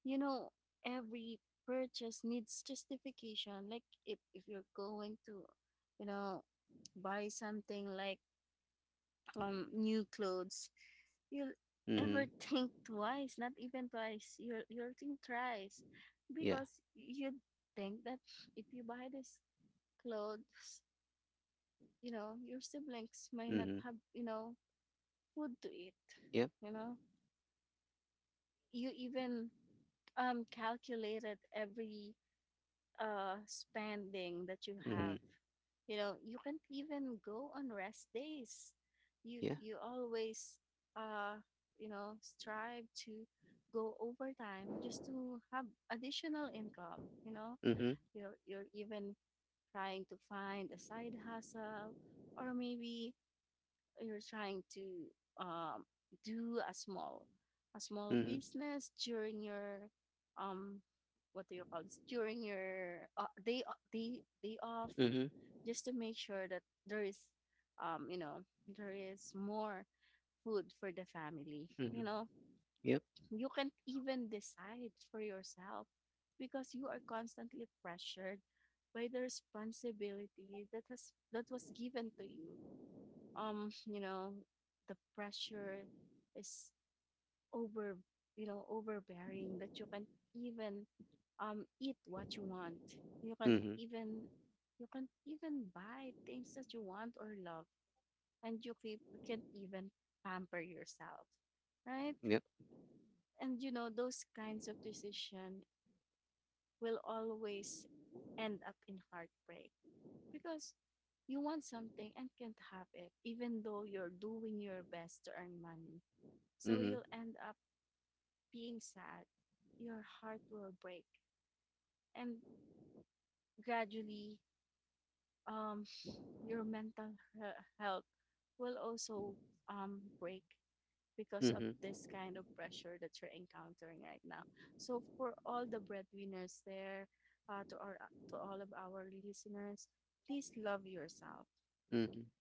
Speaker 2: You know, every purchase needs justification. Like, if you're going to, you know, buy something like new clothes, you'll ever
Speaker 1: Mm-hmm.
Speaker 2: think twice, not even twice. You'll think thrice.
Speaker 1: Yeah.
Speaker 2: Because you think that if you buy this clothes, you know, your siblings might not
Speaker 1: Mm-hmm.
Speaker 2: have, you know, food to eat.
Speaker 1: Yep.
Speaker 2: You know? You even calculated every spending that you have,
Speaker 1: Mm-hmm.
Speaker 2: you know. You can't even go on rest days, you
Speaker 1: Yeah.
Speaker 2: you always uh you know, strive to go overtime just to have additional income, you know.
Speaker 1: Mm-hmm.
Speaker 2: You're even trying to find a side hustle, or maybe you're trying to um do a small
Speaker 1: Mm-hmm.
Speaker 2: business during your um what do you call this, during your day o- day day off,
Speaker 1: Mm-hmm.
Speaker 2: just to make sure that there is you know, there is more food for the family, you
Speaker 1: Mm-hmm.
Speaker 2: know.
Speaker 1: Yep.
Speaker 2: You can't even decide for yourself because you are constantly pressured by the responsibility that was given to you. You know, the pressure is over you know, overbearing, that you can't even eat what you want. you can't
Speaker 1: Mm-hmm.
Speaker 2: even you can't even buy things that you want or love, and can't even pamper yourself, right?
Speaker 1: Yep.
Speaker 2: And you know those kinds of decision will always end up in heartbreak, because you want something and can't have it even though you're doing your best to earn money. So
Speaker 1: Mm-hmm.
Speaker 2: you'll end up being sad, your heart will break, and gradually, um, your mental health will also break because of
Speaker 1: Mm-hmm.
Speaker 2: this kind of pressure that you're encountering right now. So for all the breadwinners there, uh, to our to all of our listeners, please love yourself.
Speaker 1: Mm-hmm.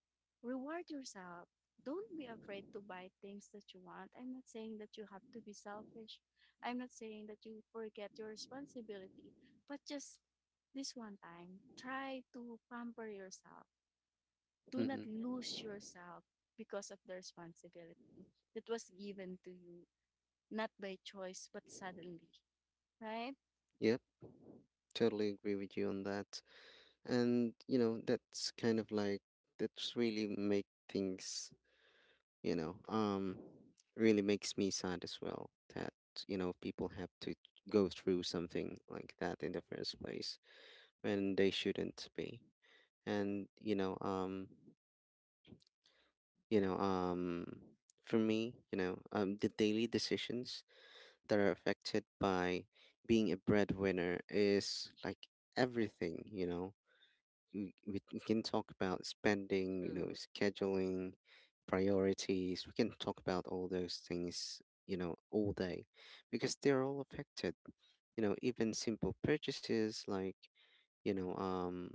Speaker 2: Reward yourself. Don't be afraid to buy things that you want. I'm not saying that you have to be selfish. I'm not saying that you forget your responsibility. But just this one time, try to pamper yourself. Do not
Speaker 1: Mm-hmm.
Speaker 2: lose yourself because of the responsibility that was given to you, not by choice, but suddenly, right?
Speaker 1: Yep, totally agree with you on that. And that's kind of like, that's really make things, you know, um, really makes me sad as well that, you know, people have to go through something like that in the first place when they shouldn't be. And, you know, um, for me, the daily decisions that are affected by being a breadwinner is like everything. We can talk about spending,
Speaker 2: True,
Speaker 1: scheduling, priorities. We can talk about all those things, all day because they're all affected. Even simple purchases like, you know, um,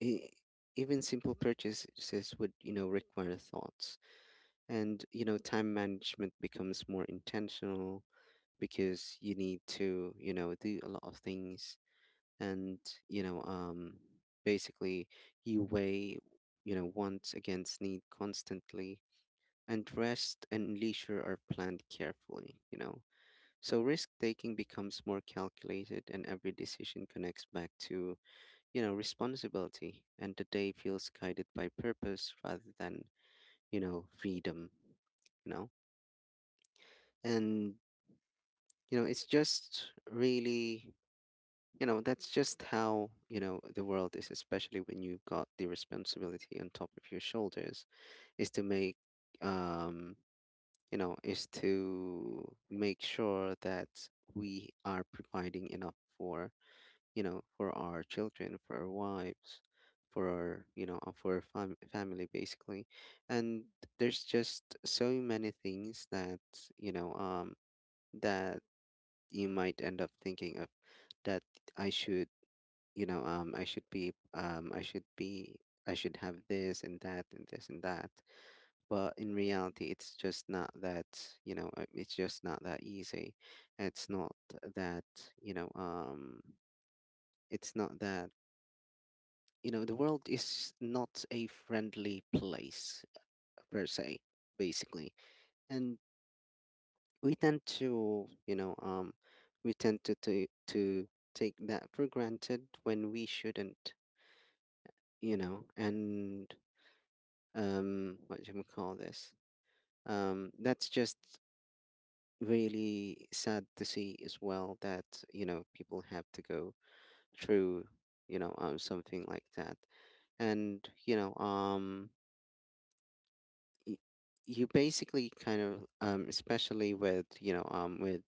Speaker 1: e- even simple purchases would, require thoughts. And, time management becomes more intentional because you need to, do a lot of things and, you know, um, basically you weigh, wants against need constantly. And rest and leisure are planned carefully. So risk taking becomes more calculated, and every decision connects back to, responsibility. And the day feels guided by purpose rather than, freedom, you know. And it's just really, that's just how the world is, especially when you've got the responsibility on top of your shoulders. Is to make, um is to make sure that we are providing enough for, for our children, for our wives, for our for our family basically. And there's just so many things that you know um that you might end up thinking of, that I should, you know, um, I should be, um, I should be, I should have this and that and this and that. But in reality, it's just not that easy. It's not that, you know, um, it's not that, you know, the world is not a friendly place per se, basically. And we tend to you know um we tend to take that for granted when we shouldn't, and, what do you call this that's just really sad to see as well, that people have to go through something like that. And y- you basically kind of, especially with, with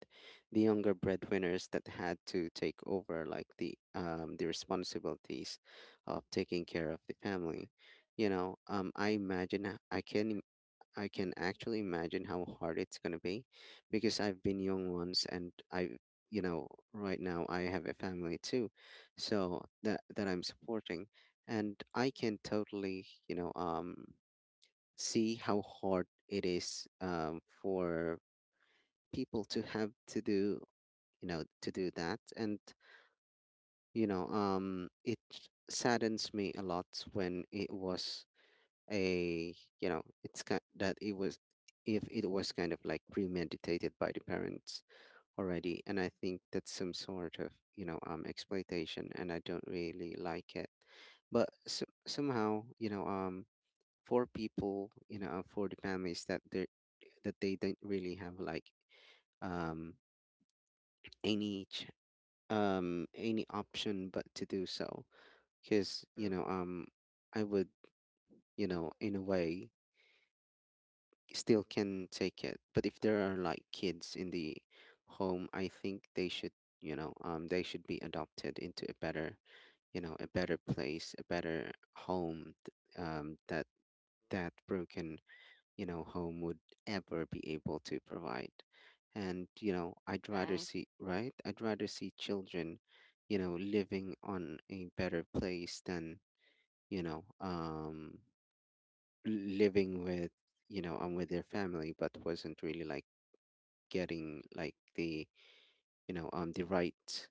Speaker 1: the younger breadwinners that had to take over like the, the responsibilities of taking care of the family. you know um i imagine h- i can im- I can actually imagine how hard it's going to be, because I've been young once, and I you know right now I have a family too, so that I'm supporting, and I can totally see how hard it is, for people to have to do, to do that. And it saddens me a lot when, it was a you know it's kind that it was if it was kind of like premeditated by the parents already, and I think that's some sort of, exploitation, and I don't really like it. But s somehow, for people, for the families that they don't really have like, um any ch- any option but to do so, because
Speaker 2: true,
Speaker 1: I would, in a way, still can take it. But if there are like kids in the home, I think they should be adopted into a better, a better place, a better home that that broken, home would ever be able to provide. And i'd rather
Speaker 2: right,
Speaker 1: see right i'd rather see children, living on a better place than, you know um living with, with their family, but wasn't really like getting like the, the right,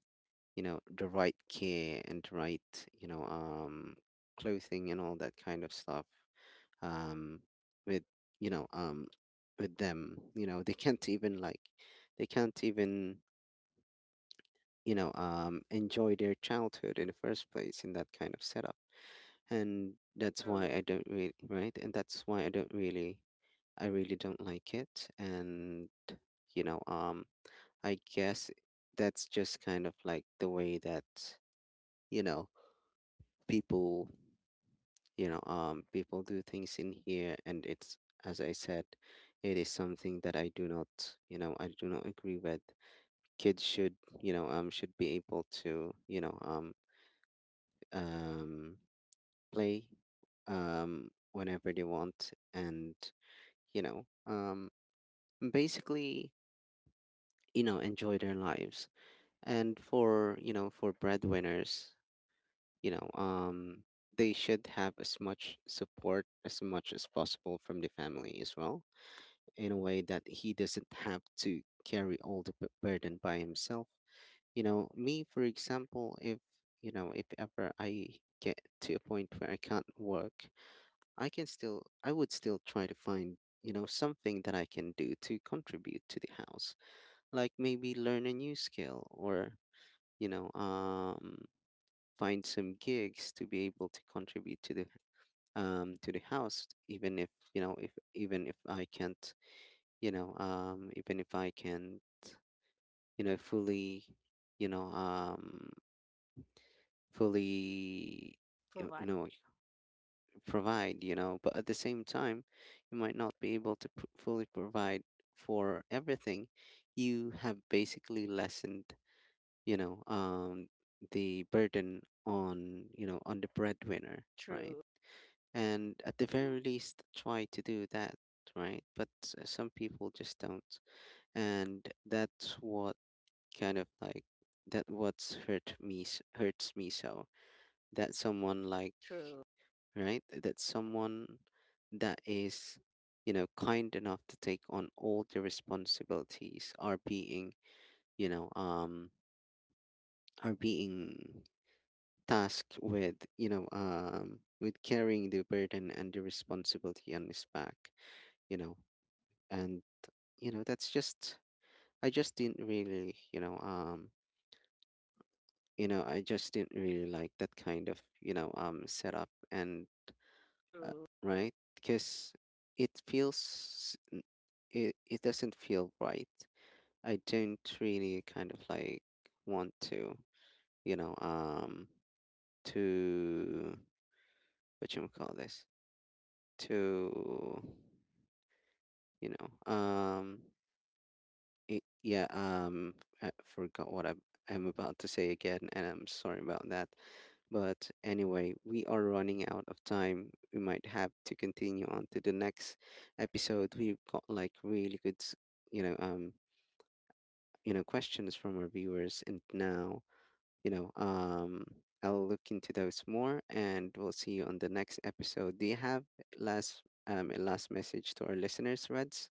Speaker 1: the right care and right, clothing and all that kind of stuff. um, with you know um, with them. They can't even they can't even enjoy their childhood in the first place in that kind of setup, and that's why
Speaker 2: true,
Speaker 1: I don't really, right, and that's why I don't really I really don't like it. And you know um, I guess that's just kind of like the way that, you know people you know people do things in here, and it's, as I said, it is something that I do not agree with. Kids should be able to um play, whenever they want, and you know um basically enjoy their lives. And for breadwinners, you know um they should have as much support as much as possible from the
Speaker 2: true.
Speaker 1: family as well, in a way that he doesn't have to carry all the burden by himself. Me, for example, if, if ever I get to a point where I can't work, I would still try to find, something that I can do to contribute to the house, like maybe learn a new skill or, you know, um, find some gigs to be able to contribute to the, to the house. Even if, if, even if I can't, even if I can, fully, you know um fully, you you
Speaker 2: Provide.
Speaker 1: know provide, but at the same time, you might not be able to fully provide for everything. You have basically lessened, you know um the burden on, on the breadwinner, right?
Speaker 2: True,
Speaker 1: And at the very least, try to do that. Right? But some people just don't. And that's what, kind of like, that what's hurt me s- hurts me so, that someone like,
Speaker 2: true,
Speaker 1: right, that is, kind enough to take on all the responsibilities, are being, you know um are being tasked with, with carrying the burden and the responsibility on his back, you know and that's just, I just didn't really you know I just didn't really like that kind of, setup. And uh,
Speaker 2: true.
Speaker 1: right, because it feels n- it, it doesn't feel right. I don't really kind of like want to, you know um to what you call this, to, you know um it, yeah I forgot what I'm about to say again, and I'm sorry about that. But anyway, we are running out of time. We might have to continue on to the next episode. We've got like really good, you know, um, questions from our viewers, and now, you know, um, I'll look into those more, and we'll see you on the next episode. Do you have last a last message to our listeners, Reds?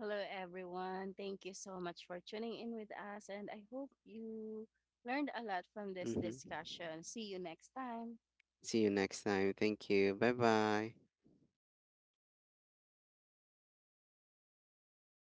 Speaker 2: Hello, everyone. Thank you so much for tuning in with us, and I hope you learned a lot from this
Speaker 1: Mm-hmm.
Speaker 2: discussion. See you next time.
Speaker 1: See you next time. Thank you. Bye bye.